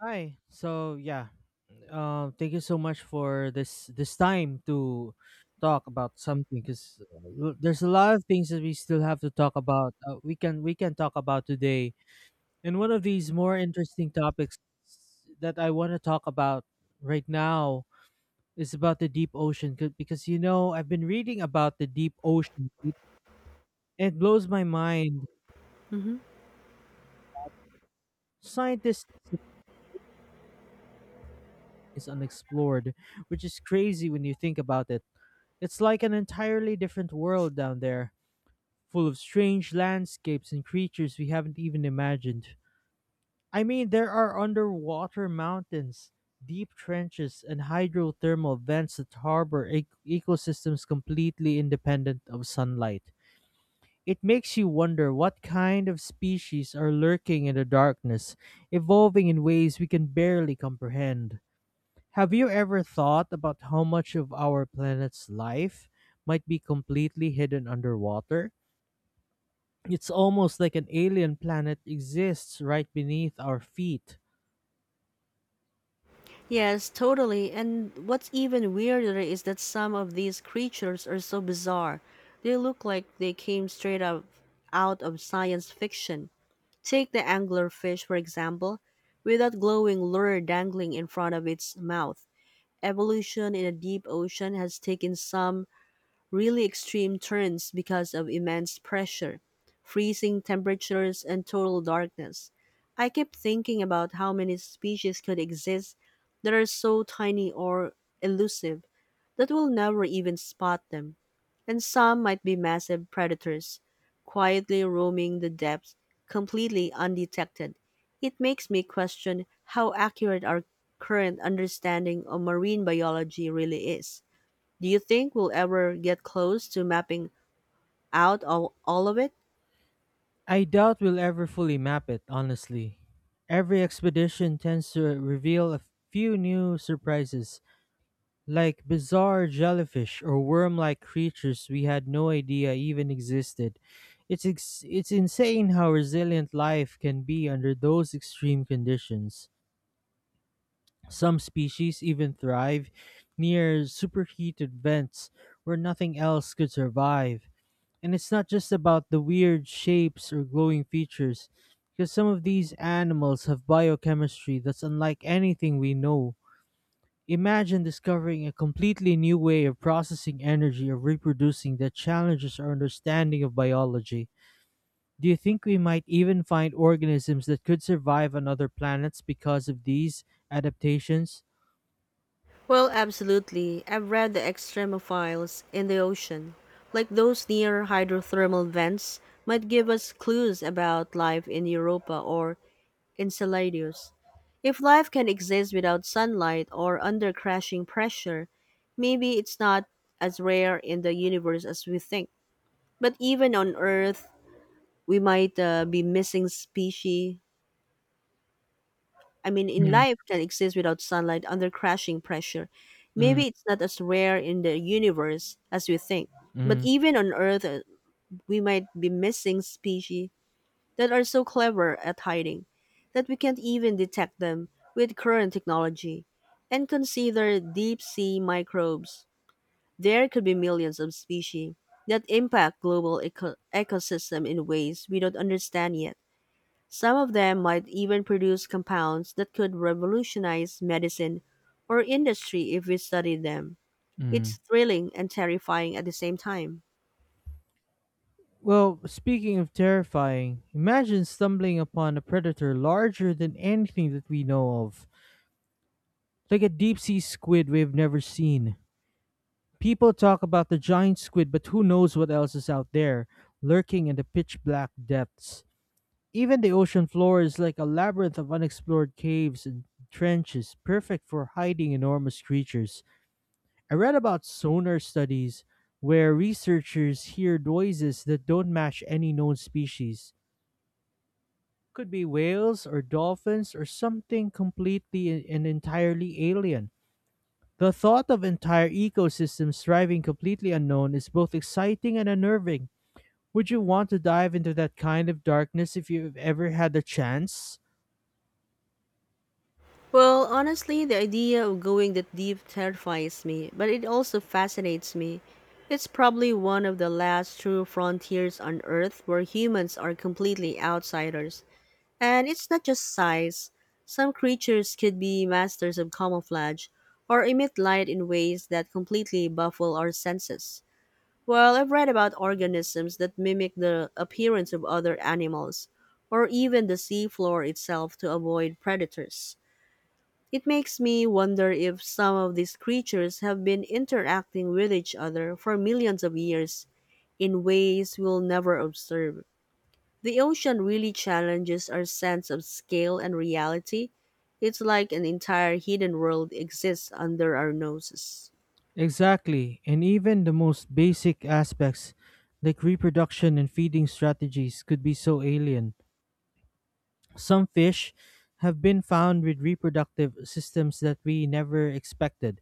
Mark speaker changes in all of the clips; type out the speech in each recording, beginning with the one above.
Speaker 1: Hi. So yeah, thank you so much for this time to talk about something because there's a lot of things that we still have to talk about. We can talk about today, and one of these more interesting topics that I want to talk about right now is about the deep ocean because I've been reading about the deep ocean and it blows my mind.
Speaker 2: Mhm.
Speaker 1: Scientists say it's unexplored, which is crazy when you think about it. It's like an entirely different world down there, full of strange landscapes and creatures we haven't even imagined. I mean, there are underwater mountains, deep trenches, and hydrothermal vents that harbor ecosystems completely independent of sunlight. It makes you wonder what kind of species are lurking in the darkness, evolving in ways we can barely comprehend. Have you ever thought about how much of our planet's life might be completely hidden underwater? It's almost like an alien planet exists right beneath our feet.
Speaker 2: Yes, totally. And what's even weirder is that some of these creatures are so bizarre. They look like they came straight up out of science fiction. Take the anglerfish, for example, with that glowing lure dangling in front of its mouth. Evolution in a deep ocean has taken some really extreme turns because of immense pressure, freezing temperatures, and total darkness. I keep thinking about how many species could exist that are so tiny or elusive that we'll never even spot them. And some might be massive predators, quietly roaming the depths, completely undetected. It makes me question how accurate our current understanding of marine biology really is. Do you think we'll ever get close to mapping out all of it?
Speaker 1: I doubt we'll ever fully map it, honestly. Every expedition tends to reveal a few new surprises, like bizarre jellyfish or worm like creatures we had no idea even existed. It's insane how resilient life can be under those extreme conditions. Some species even thrive near superheated vents where nothing else could survive. And it's not just about the weird shapes or glowing features, because some of these animals have biochemistry that's unlike anything we know. Imagine discovering a completely new way of processing energy or reproducing that challenges our understanding of biology. Do you think we might even find organisms that could survive on other planets because of these adaptations?
Speaker 2: Well, absolutely. I've read the extremophiles in the ocean, like those near hydrothermal vents, might give us clues about life in Europa or Enceladus. If life can exist without sunlight or under crashing pressure, maybe it's not as rare in the universe as we think. But even on Earth, we might be missing species I mean, in life can exist without sunlight under crashing pressure.
Speaker 1: Mm,
Speaker 2: Maybe it's not as rare in the universe as we think. But
Speaker 1: mm,
Speaker 2: even on Earth, we might be missing species that are so clever at hiding that we can't even detect them with current technology. And consider deep sea microbes. There could be millions of species that impact global ecosystem in ways we don't understand yet. Some of them might even produce compounds that could revolutionize medicine or industry if we studied them. It's
Speaker 1: mm.
Speaker 2: thrilling and terrifying at the same time.
Speaker 1: Well, speaking of terrifying, imagine stumbling upon a predator larger than anything that we know of, like a deep sea squid we've never seen. People talk about the giant squid, but who knows what else is out there, lurking in the pitch black depths. Even the ocean floor is like a labyrinth of unexplored caves and trenches, perfect for hiding enormous creatures. I read about sonar studies where researchers hear noises that don't match any known species. Could be whales or dolphins or something completely and entirely alien. The thought of entire ecosystems thriving completely unknown is both exciting and unnerving. Would you want to dive into that kind of darkness if you've ever had the chance?
Speaker 2: Well, honestly, the idea of going that deep terrifies me, but it also fascinates me. It's probably one of the last true frontiers on Earth where humans are completely outsiders. And it's not just size. Some creatures could be masters of camouflage or emit light in ways that completely baffle our senses. Well, I've read about organisms that mimic the appearance of other animals or even the seafloor itself to avoid predators. It makes me wonder if some of these creatures have been interacting with each other for millions of years in ways we'll never observe. The ocean really challenges our sense of scale and reality. It's like an entire hidden world exists under our noses.
Speaker 1: Exactly, and even the most basic aspects, like reproduction and feeding strategies, could be so alien. Some fish have been found with reproductive systems that we never expected.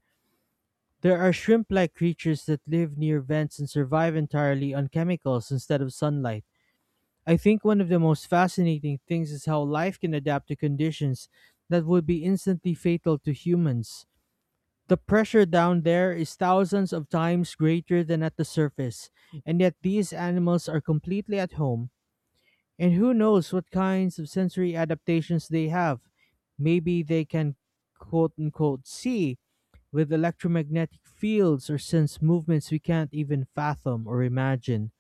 Speaker 1: There are shrimp like creatures that live near vents and survive entirely on chemicals instead of sunlight. I think one of the most fascinating things is how life can adapt to conditions that would be instantly fatal to humans. The pressure down there is thousands of times greater than at the surface, and yet these animals are completely at home and who knows what kinds of sensory adaptations they have? Maybe they can quote unquote see with electromagnetic fields or sense movements we can't even fathom or imagine.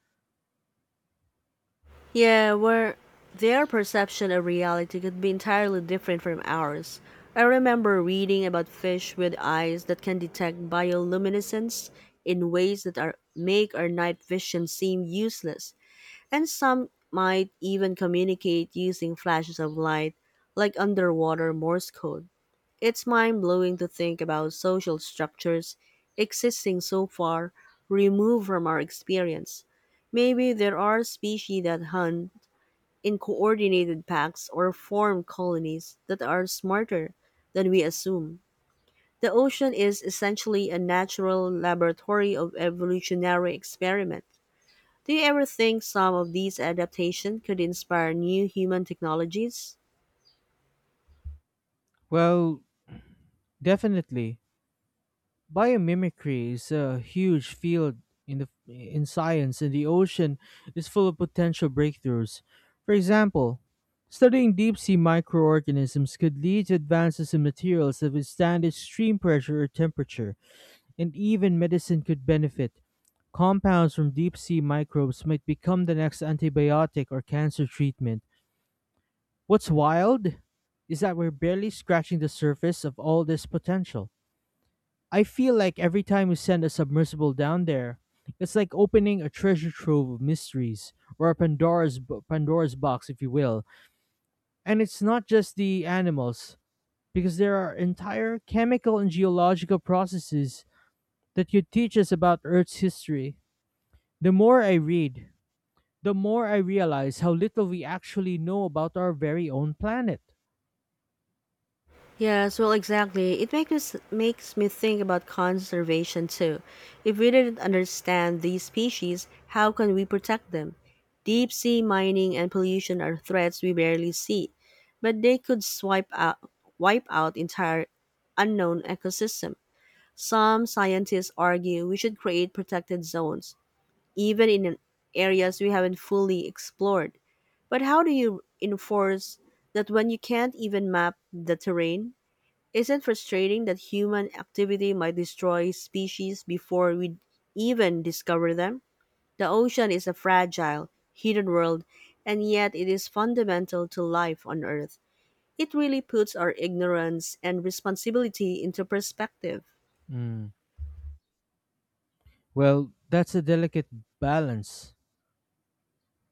Speaker 2: Yeah, where their perception of reality could be entirely different from ours. I remember reading about fish with eyes that can detect bioluminescence in ways that are, make our night vision seem useless, and some might even communicate using flashes of light, like underwater Morse code. It's mind blowing to think about social structures existing so far removed from our experience. Maybe there are species that hunt in coordinated packs or form colonies that are smarter than we assume. The ocean is essentially a natural laboratory of evolutionary experiment. Do you ever think some of these adaptations could inspire new human technologies?
Speaker 1: Well, definitely. Biomimicry is a huge field in science and the ocean is full of potential breakthroughs. For example, studying deep sea microorganisms could lead to advances in materials that withstand extreme pressure or temperature. And even medicine could benefit. Compounds from deep sea microbes might become the next antibiotic or cancer treatment. What's wild is that we're barely scratching the surface of all this potential. I feel like every time we send a submersible down there, it's like opening a treasure trove of mysteries, or a Pandora's box, if you will. And it's not just the animals, because there are entire chemical and geological processes that could teach us about Earth's history. The more I read, the more I realize how little we actually know about our very own planet.
Speaker 2: Yes, well, exactly. It makes us, makes me think about conservation too. If we didn't understand these species, how can we protect them? Deep sea mining and pollution are threats we barely see, but they could swipe out wipe out entire unknown ecosystem. Some scientists argue we should create protected zones, even in areas we haven't fully explored. But how do you enforce that when you can't even map the terrain? Isn't frustrating that human activity might destroy species before we even discover them? The ocean is a fragile, hidden world, and yet it is fundamental to life on Earth. It really puts our ignorance and responsibility into perspective.
Speaker 1: Mm. Well, that's a delicate balance.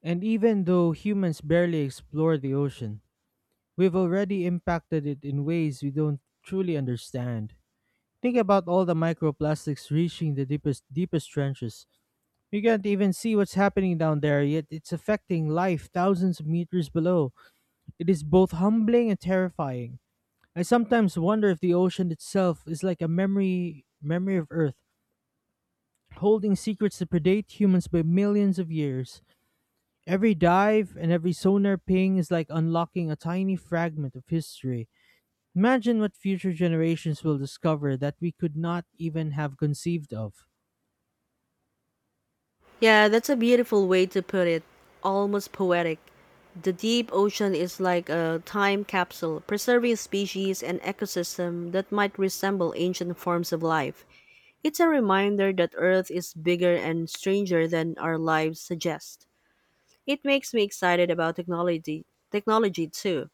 Speaker 1: And even though humans barely explore the ocean, we've already impacted it in ways we don't truly understand. Think about all the microplastics reaching the deepest trenches. You can't even see what's happening down there, yet it's affecting life thousands of meters below. It is both humbling and terrifying. I sometimes wonder if the ocean itself is like a memory of Earth, holding secrets that predate humans by millions of years. Every dive and every sonar ping is like unlocking a tiny fragment of history. Imagine what future generations will discover that we could not even have conceived of.
Speaker 2: Yeah, that's a beautiful way to put it. Almost poetic. The deep ocean is like a time capsule, preserving species and ecosystem that might resemble ancient forms of life. It's a reminder that Earth is bigger and stranger than our lives suggest. It makes me excited about technology too.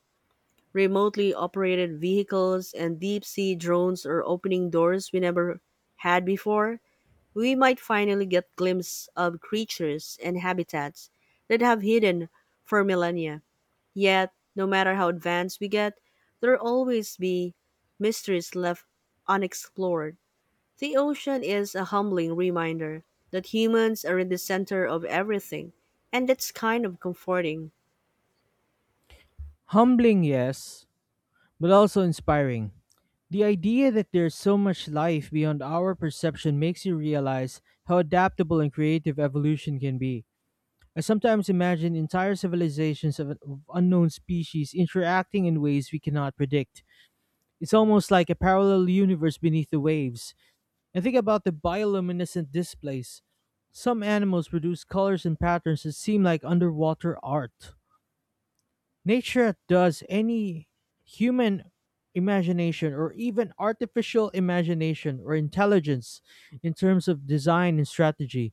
Speaker 2: Remotely operated vehicles and deep sea drones are opening doors we never had before we might finally get glimpses of creatures and habitats that have hidden for millennia. Yet, no matter how advanced we get, there will always be mysteries left unexplored. The ocean is a humbling reminder that humans are in the center of everything, and that's kind of comforting.
Speaker 1: Humbling, yes, but also inspiring. The idea that there's so much life beyond our perception makes you realize how adaptable and creative evolution can be. I sometimes imagine entire civilizations of unknown species interacting in ways we cannot predict. It's almost like a parallel universe beneath the waves. And think about the bioluminescent displays. Some animals produce colors and patterns that seem like underwater art. Nature does any human imagination or even artificial imagination or intelligence in terms of design and strategy.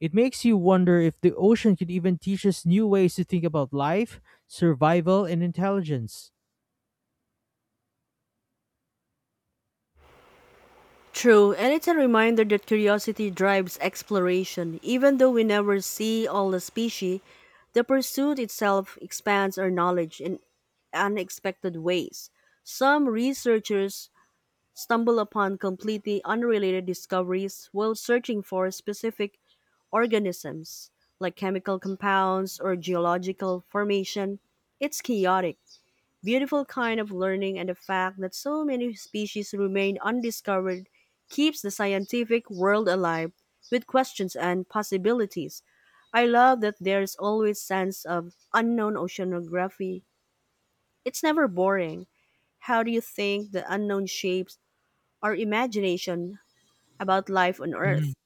Speaker 1: It makes you wonder if the ocean could even teach us new ways to think about life, survival, and intelligence.
Speaker 2: True, and it's a reminder that curiosity drives exploration. Even though we never see all the species, the pursuit itself expands our knowledge in unexpected ways. Some researchers stumble upon completely unrelated discoveries while searching for specific organisms, like chemical compounds or geological formation. It's chaotic, beautiful kind of learning and the fact that so many species remain undiscovered keeps the scientific world alive with questions and possibilities. I love that there's always sense of unknown oceanography. It's never boring. How do you think the unknown shapes our imagination about life on
Speaker 1: Mhm.
Speaker 2: Earth?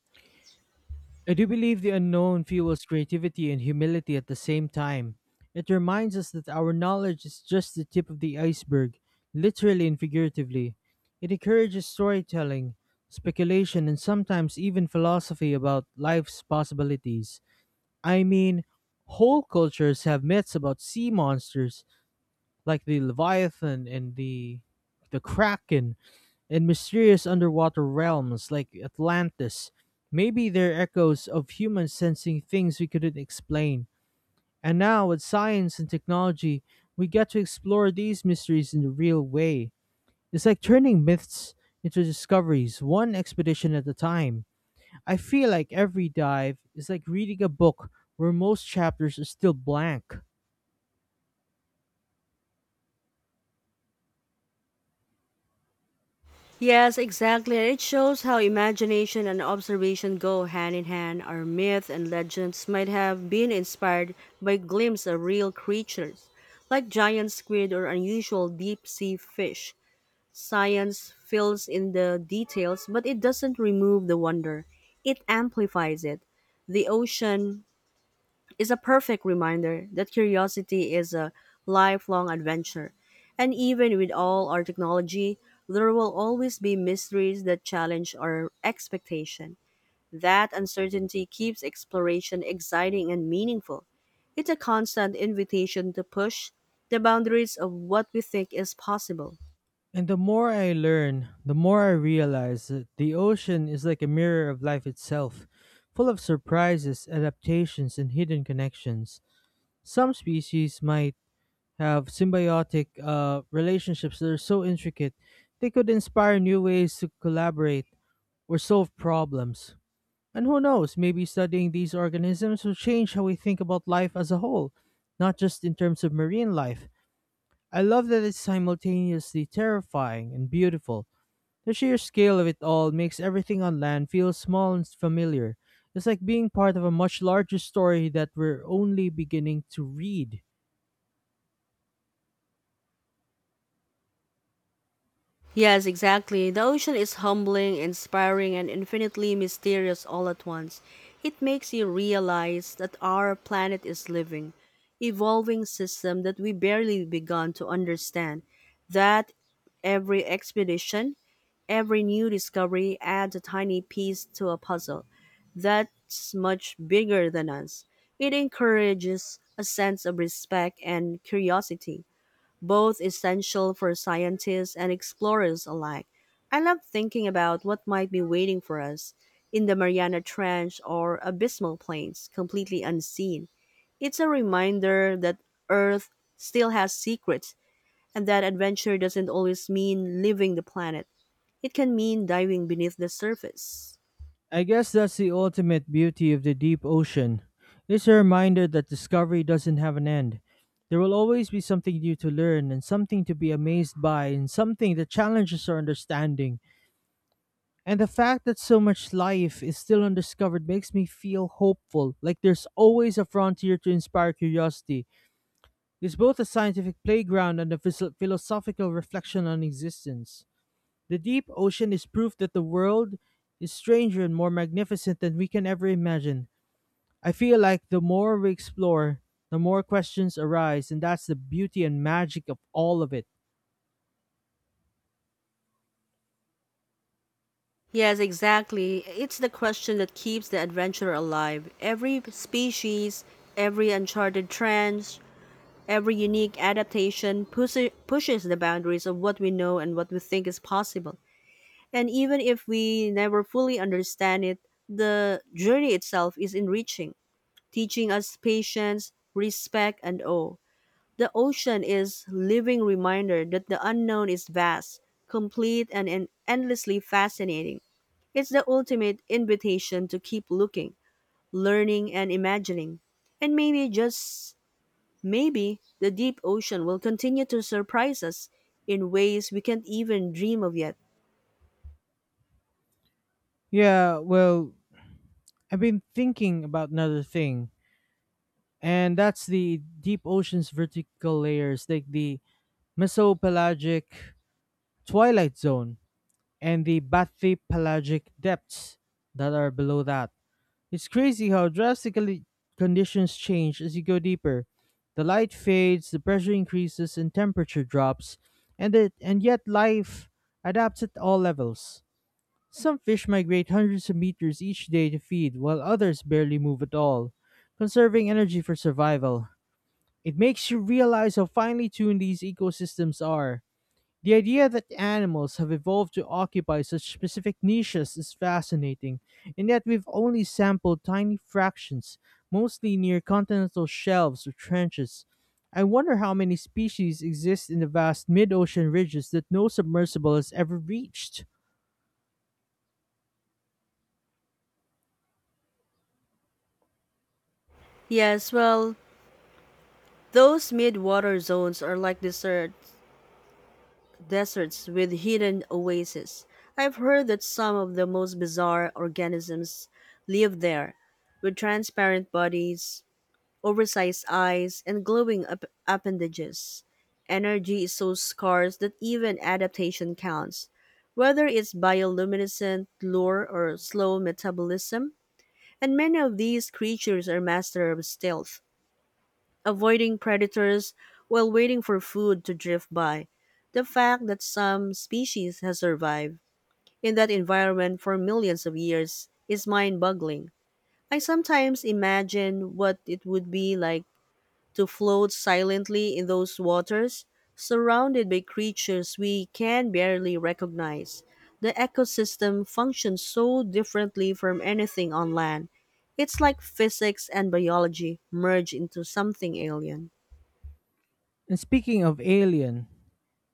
Speaker 1: I do believe the unknown fuels creativity and humility at the same time. It reminds us that our knowledge is just the tip of the iceberg, literally and figuratively. It encourages storytelling, speculation, and sometimes even philosophy about life's possibilities. I mean, whole cultures have myths about sea monsters, like the Leviathan and the Kraken and mysterious underwater realms like Atlantis. Maybe they're echoes of humans sensing things we couldn't explain. And now, with science and technology, we get to explore these mysteries in the real way. It's like turning myths into discoveries, one expedition at a time. I feel like every dive is like reading a book where most chapters are still blank.
Speaker 2: Yes, exactly. It shows how imagination and observation go hand in hand. Our myth and legends might have been inspired by glimpses of real creatures, like giant squid or unusual deep sea fish. Science fills in the details, but it doesn't remove the wonder, it amplifies it. The ocean, is a perfect reminder that curiosity is a lifelong adventure. And even with all our technology, there will always be mysteries that challenge our expectation. That uncertainty keeps exploration exciting and meaningful. It's a constant invitation to push the boundaries of what we think is possible.
Speaker 1: And the more I learn, the more I realize that the ocean is like a mirror of life itself, full of surprises, adaptations, and hidden connections. Some species might have symbiotic relationships that are so intricate they could inspire new ways to collaborate or solve problems. And who knows, maybe studying these organisms will change how we think about life as a whole, not just in terms of marine life. I love that it's simultaneously terrifying and beautiful. The sheer scale of it all makes everything on land feel small and familiar. It's like being part of a much larger story that we're only beginning to read.
Speaker 2: Yes, exactly. The ocean is humbling, inspiring, and infinitely mysterious all at once. It makes you realize that our planet is living, evolving system that we barely begun to understand. That every expedition, every new discovery adds a tiny piece to a puzzle that's much bigger than us. It encourages a sense of respect and curiosity both essential for scientists and explorers alike. I love thinking about what might be waiting for us in the Mariana Trench or Abysmal Plains, completely unseen. It's a reminder that Earth still has secrets and that adventure doesn't always mean leaving the planet. It can mean diving beneath the surface.
Speaker 1: I guess that's the ultimate beauty of the deep ocean. It's a reminder that discovery doesn't have an end. There will always be something new to learn and something to be amazed by and something that challenges our understanding. And the fact that so much life is still undiscovered makes me feel hopeful, like there's always a frontier to inspire curiosity. Is both a scientific playground and a philosophical reflection on existence. The deep ocean is proof that the world is stranger and more magnificent than we can ever imagine. I feel like the more we explore, the more questions arise, and that's the beauty and magic of all of it.
Speaker 2: Yes, exactly. It's the question that keeps the adventurer alive. Every species, every uncharted trend, every unique adaptation pushes the boundaries of what we know and what we think is possible. And even if we never fully understand it, the journey itself is enriching, teaching us patience, respect, and awe. The ocean is living reminder that the unknown is vast, complete, and endlessly fascinating. It's the ultimate invitation to keep looking, learning, and imagining. And maybe, just maybe, the deep ocean will continue to surprise us in ways we can't even dream of yet.
Speaker 1: Yeah, well, I've been thinking about another thing, and that's the deep ocean's vertical layers, like the mesopelagic twilight zone and the bathypelagic depths that are below that. It's crazy how drastically conditions change as you go deeper. The light fades, the pressure increases, and temperature drops, and yet life adapts at all levels. Some fish migrate hundreds of meters each day to feed, while others barely move at all, conserving energy for survival. It makes you realize how finely tuned these ecosystems are. The idea that animals have evolved to occupy such specific niches is fascinating, and yet we've only sampled tiny fractions, mostly near continental shelves or trenches. I wonder how many species exist in the vast mid ocean ridges that no submersible has ever reached.
Speaker 2: Yes, well, those mid-water zones are like desert, deserts with hidden oases. I've heard that some of the most bizarre organisms live there, with transparent bodies, oversized eyes, and glowing appendages. Energy is so scarce that even adaptation counts, whether it's bioluminescent lure or slow metabolism. And many of these creatures are master of stealth, avoiding predators while waiting for food to drift by. The fact that some species has survived in that environment for millions of years is mind-boggling. I sometimes imagine what it would be like to float silently in those waters, surrounded by creatures we can barely recognize. The ecosystem functions so differently from anything on land. It's like physics and biology merge into something alien.
Speaker 1: And speaking of alien,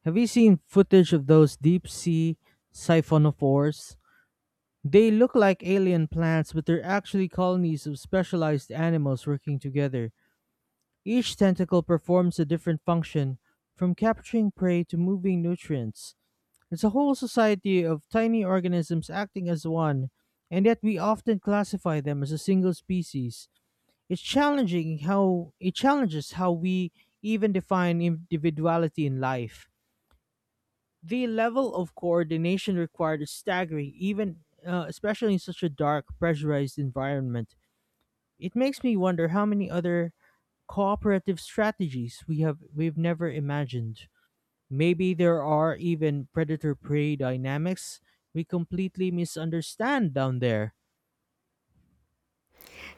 Speaker 1: have you seen footage of those deep sea siphonophores? They look like alien plants, but they're actually colonies of specialized animals working together. Each tentacle performs a different function, from capturing prey to moving nutrients. It's a whole society of tiny organisms acting as one, and yet we often classify them as a single species. It challenges how we even define individuality in life. The level of coordination required is staggering, even especially in such a dark, pressurized environment. It makes me wonder how many other cooperative strategies we've never imagined. Maybe there are even predator prey dynamics we completely misunderstand down there.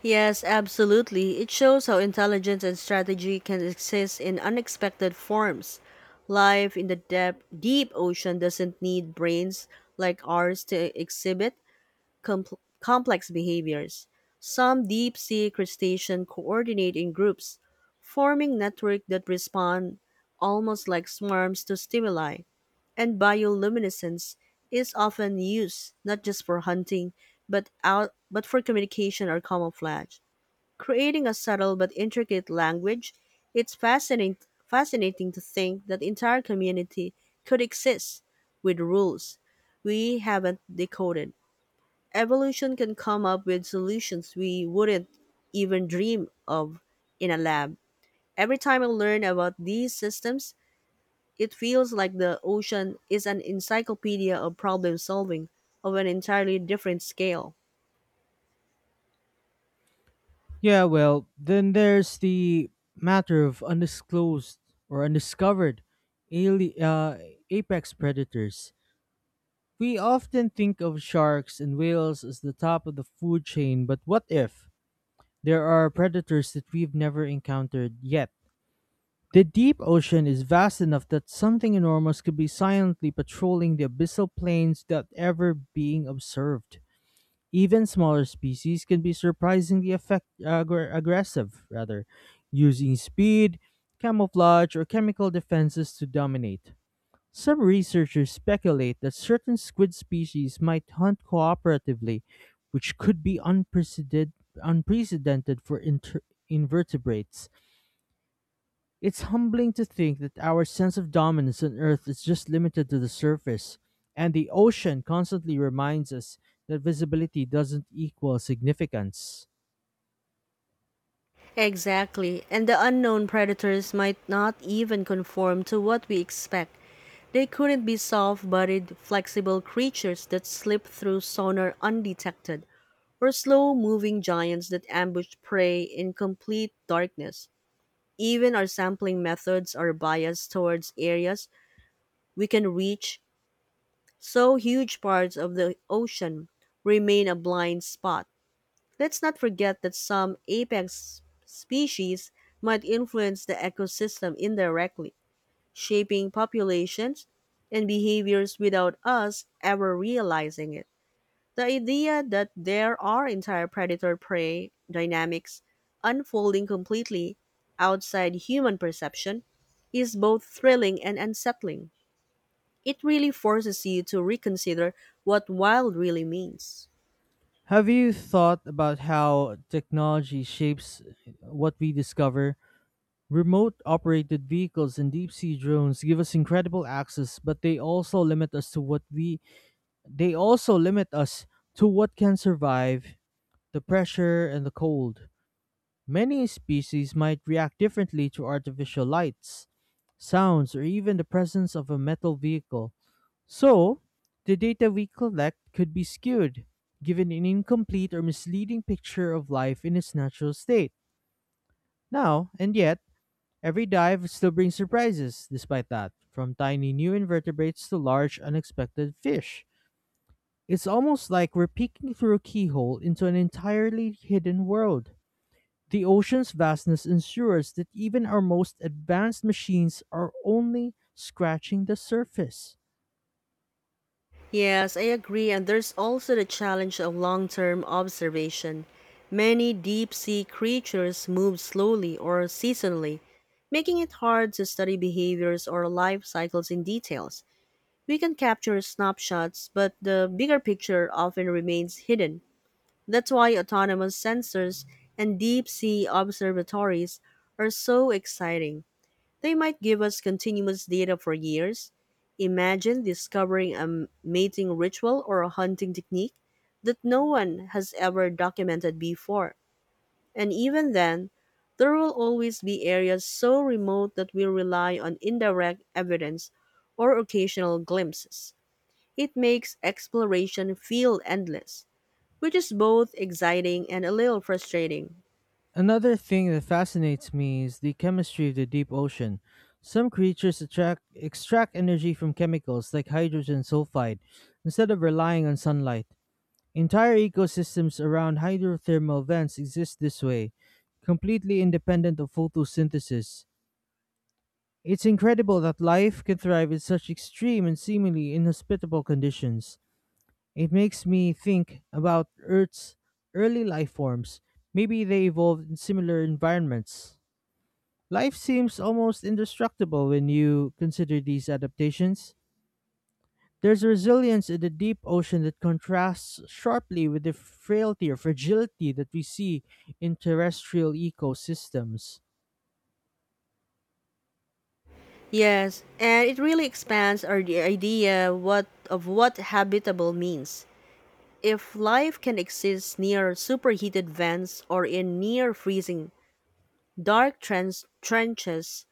Speaker 2: Yes, absolutely. It shows how intelligence and strategy can exist in unexpected forms. Life in the depth, deep ocean doesn't need brains like ours to exhibit complex behaviors. Some deep sea crustacean coordinate in groups, forming networks that respond almost like swarms to stimuli, and bioluminescence is often used not just for hunting but out but for communication or camouflage. Creating a subtle but intricate language, it's fascinating to think that entire community could exist with rules we haven't decoded. Evolution can come up with solutions we wouldn't even dream of in a lab. Every time I learn about these systems, it feels like the ocean is an encyclopedia of problem solving of an entirely different scale.
Speaker 1: Yeah, well, then there's the matter of undisclosed or undiscovered ali- uh, apex predators. We often think of sharks and whales as the top of the food chain, but what if there are predators that we've never encountered yet? The deep ocean is vast enough that something enormous could be silently patrolling the abyssal plains without ever being observed. Even smaller species can be surprisingly aggressive, rather, using speed, camouflage, or chemical defenses to dominate. Some researchers speculate that certain squid species might hunt cooperatively, which could be unprecedented for invertebrates. It's humbling to think that our sense of dominance on Earth is just limited to the surface, and the ocean constantly reminds us that visibility doesn't equal significance.
Speaker 2: Exactly. And the unknown predators might not even conform to what we expect. They couldn't be soft bodied, flexible creatures that slip through sonar undetected, or slow moving giants that ambush prey in complete darkness. Even our sampling methods are biased towards areas we can reach, so huge parts of the ocean remain a blind spot. Let's not forget that some apex species might influence the ecosystem indirectly, shaping populations and behaviors without us ever realizing it. The idea that there are entire predator prey dynamics unfolding completely outside human perception is both thrilling and unsettling. It really forces you to reconsider what wild really means.
Speaker 1: Have you thought about how technology shapes what we discover? Remote operated vehicles and deep sea drones give us incredible access, but they also limit us to what can survive the pressure and the cold. Many species might react differently to artificial lights, sounds, or even the presence of a metal vehicle. So, the data we collect could be skewed, giving an incomplete or misleading picture of life in its natural state. Now, and yet, every dive still brings surprises, despite that, from tiny new invertebrates to large unexpected fish. It's almost like we're peeking through a keyhole into an entirely hidden world. The ocean's vastness ensures that even our most advanced machines are only scratching the surface.
Speaker 2: Yes, I agree. And there's also the challenge of long term observation. Many deep sea creatures move slowly or seasonally, making it hard to study behaviors or life cycles in details. We can capture snapshots, but the bigger picture often remains hidden. That's why autonomous sensors and deep sea observatories are so exciting. They might give us continuous data for years. Imagine discovering a mating ritual or a hunting technique that no one has ever documented before. And even then, there will always be areas so remote that we rely on indirect evidence or occasional glimpses. It makes exploration feel endless, which is both exciting and a little frustrating.
Speaker 1: Another thing that fascinates me is the chemistry of the deep ocean. Some creatures extract energy from chemicals like hydrogen sulfide instead of relying on sunlight. Entire ecosystems around hydrothermal vents exist this way, completely independent of photosynthesis. It's incredible that life can thrive in such extreme and seemingly inhospitable conditions. It makes me think about Earth's early life forms. Maybe they evolved in similar environments. Life seems almost indestructible when you consider these adaptations. There's a resilience in the deep ocean that contrasts sharply with the frailty or fragility that we see in terrestrial ecosystems.
Speaker 2: Yes, and it really expands our the idea what of what habitable means. If life can exist near superheated vents or in near freezing dark trenches,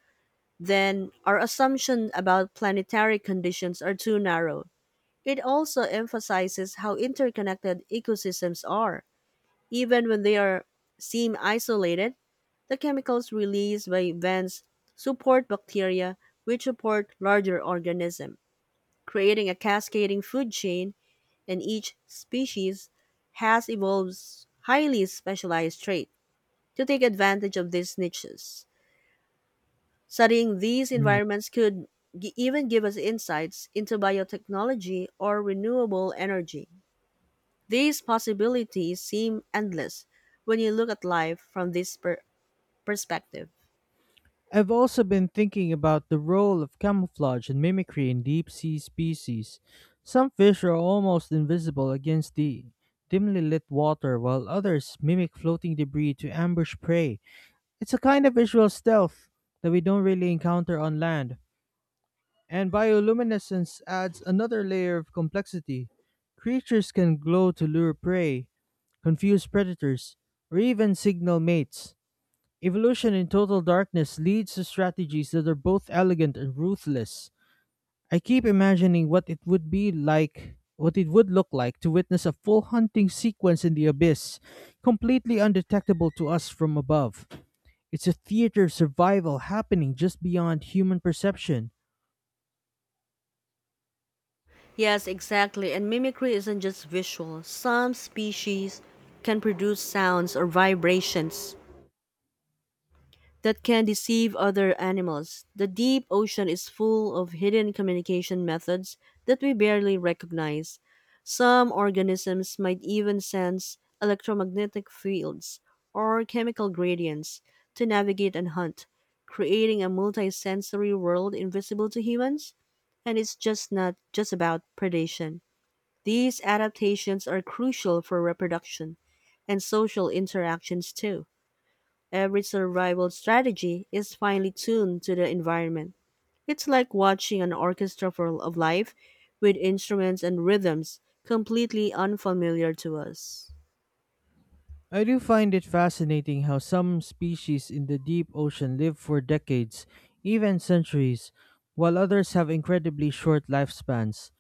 Speaker 2: then our assumption about planetary conditions are too narrow. It also emphasizes how interconnected ecosystems are. Even when they are seem isolated, the chemicals released by vents support bacteria which support larger organisms creating a cascading food chain, and each species has evolved highly specialized traits to take advantage of these niches. Studying these environments could even give us insights into biotechnology or renewable energy. These possibilities seem endless when you look at life from this perspective.
Speaker 1: I've also been thinking about the role of camouflage and mimicry in deep sea species. Some fish are almost invisible against the dimly lit water, while others mimic floating debris to ambush prey. It's a kind of visual stealth that we don't really encounter on land. And bioluminescence adds another layer of complexity. Creatures can glow to lure prey, confuse predators, or even signal mates. Evolution in total darkness leads to strategies that are both elegant and ruthless. I keep imagining what it would look like to witness a full hunting sequence in the abyss, completely undetectable to us from above. It's a theater of survival happening just beyond human perception.
Speaker 2: Yes, exactly. And mimicry isn't just visual. Some species can produce sounds or vibrations that can deceive other animals. The deep ocean is full of hidden communication methods that we barely recognize. Some organisms might even sense electromagnetic fields or chemical gradients to navigate and hunt, creating a multisensory world invisible to humans. And it's just not just about predation. These adaptations are crucial for reproduction and social interactions too. Every survival strategy is finely tuned to the environment. It's like watching an orchestra of life with instruments and rhythms completely unfamiliar to us.
Speaker 1: I do find it fascinating how some species in the deep ocean live for decades, even centuries, while others have incredibly short lifespans.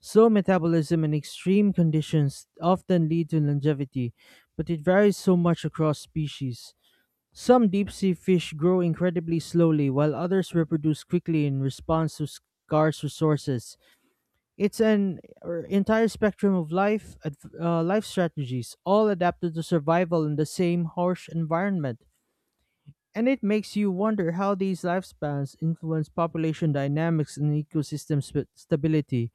Speaker 1: Slow metabolism and extreme conditions often lead to longevity, but it varies so much across species. Some deep sea fish grow incredibly slowly, while others reproduce quickly in response to scarce resources. It's an entire spectrum of life strategies, all adapted to survival in the same harsh environment. And it makes you wonder how these lifespans influence population dynamics and ecosystem stability.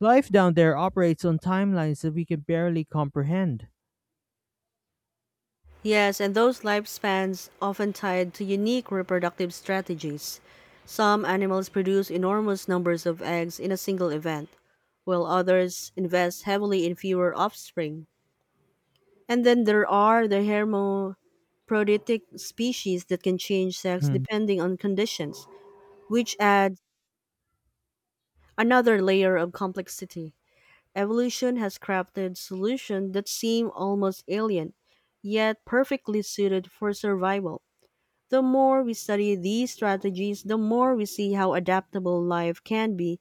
Speaker 1: Life down there operates on timelines that we can barely comprehend.
Speaker 2: Yes, and those lifespans often tied to unique reproductive strategies. Some animals produce enormous numbers of eggs in a single event, while others invest heavily in fewer offspring. And then there are the hermaphroditic species that can change sex
Speaker 1: Mm.
Speaker 2: depending on conditions, which adds another layer of complexity. Evolution has crafted solutions that seem almost alien, yet perfectly suited for survival. The more we study these strategies, the more we see how adaptable life can be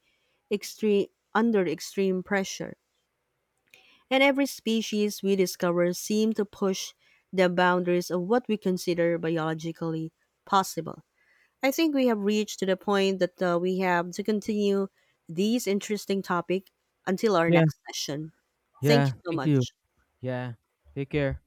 Speaker 2: under extreme pressure. And every species we discover seems to push the boundaries of what we consider biologically possible. I think we have reached to the point that we have to continue these interesting topic until our
Speaker 1: Yeah.
Speaker 2: next session. Thank you
Speaker 1: Yeah,
Speaker 2: so
Speaker 1: thank you.
Speaker 2: much.
Speaker 1: Yeah. Take care.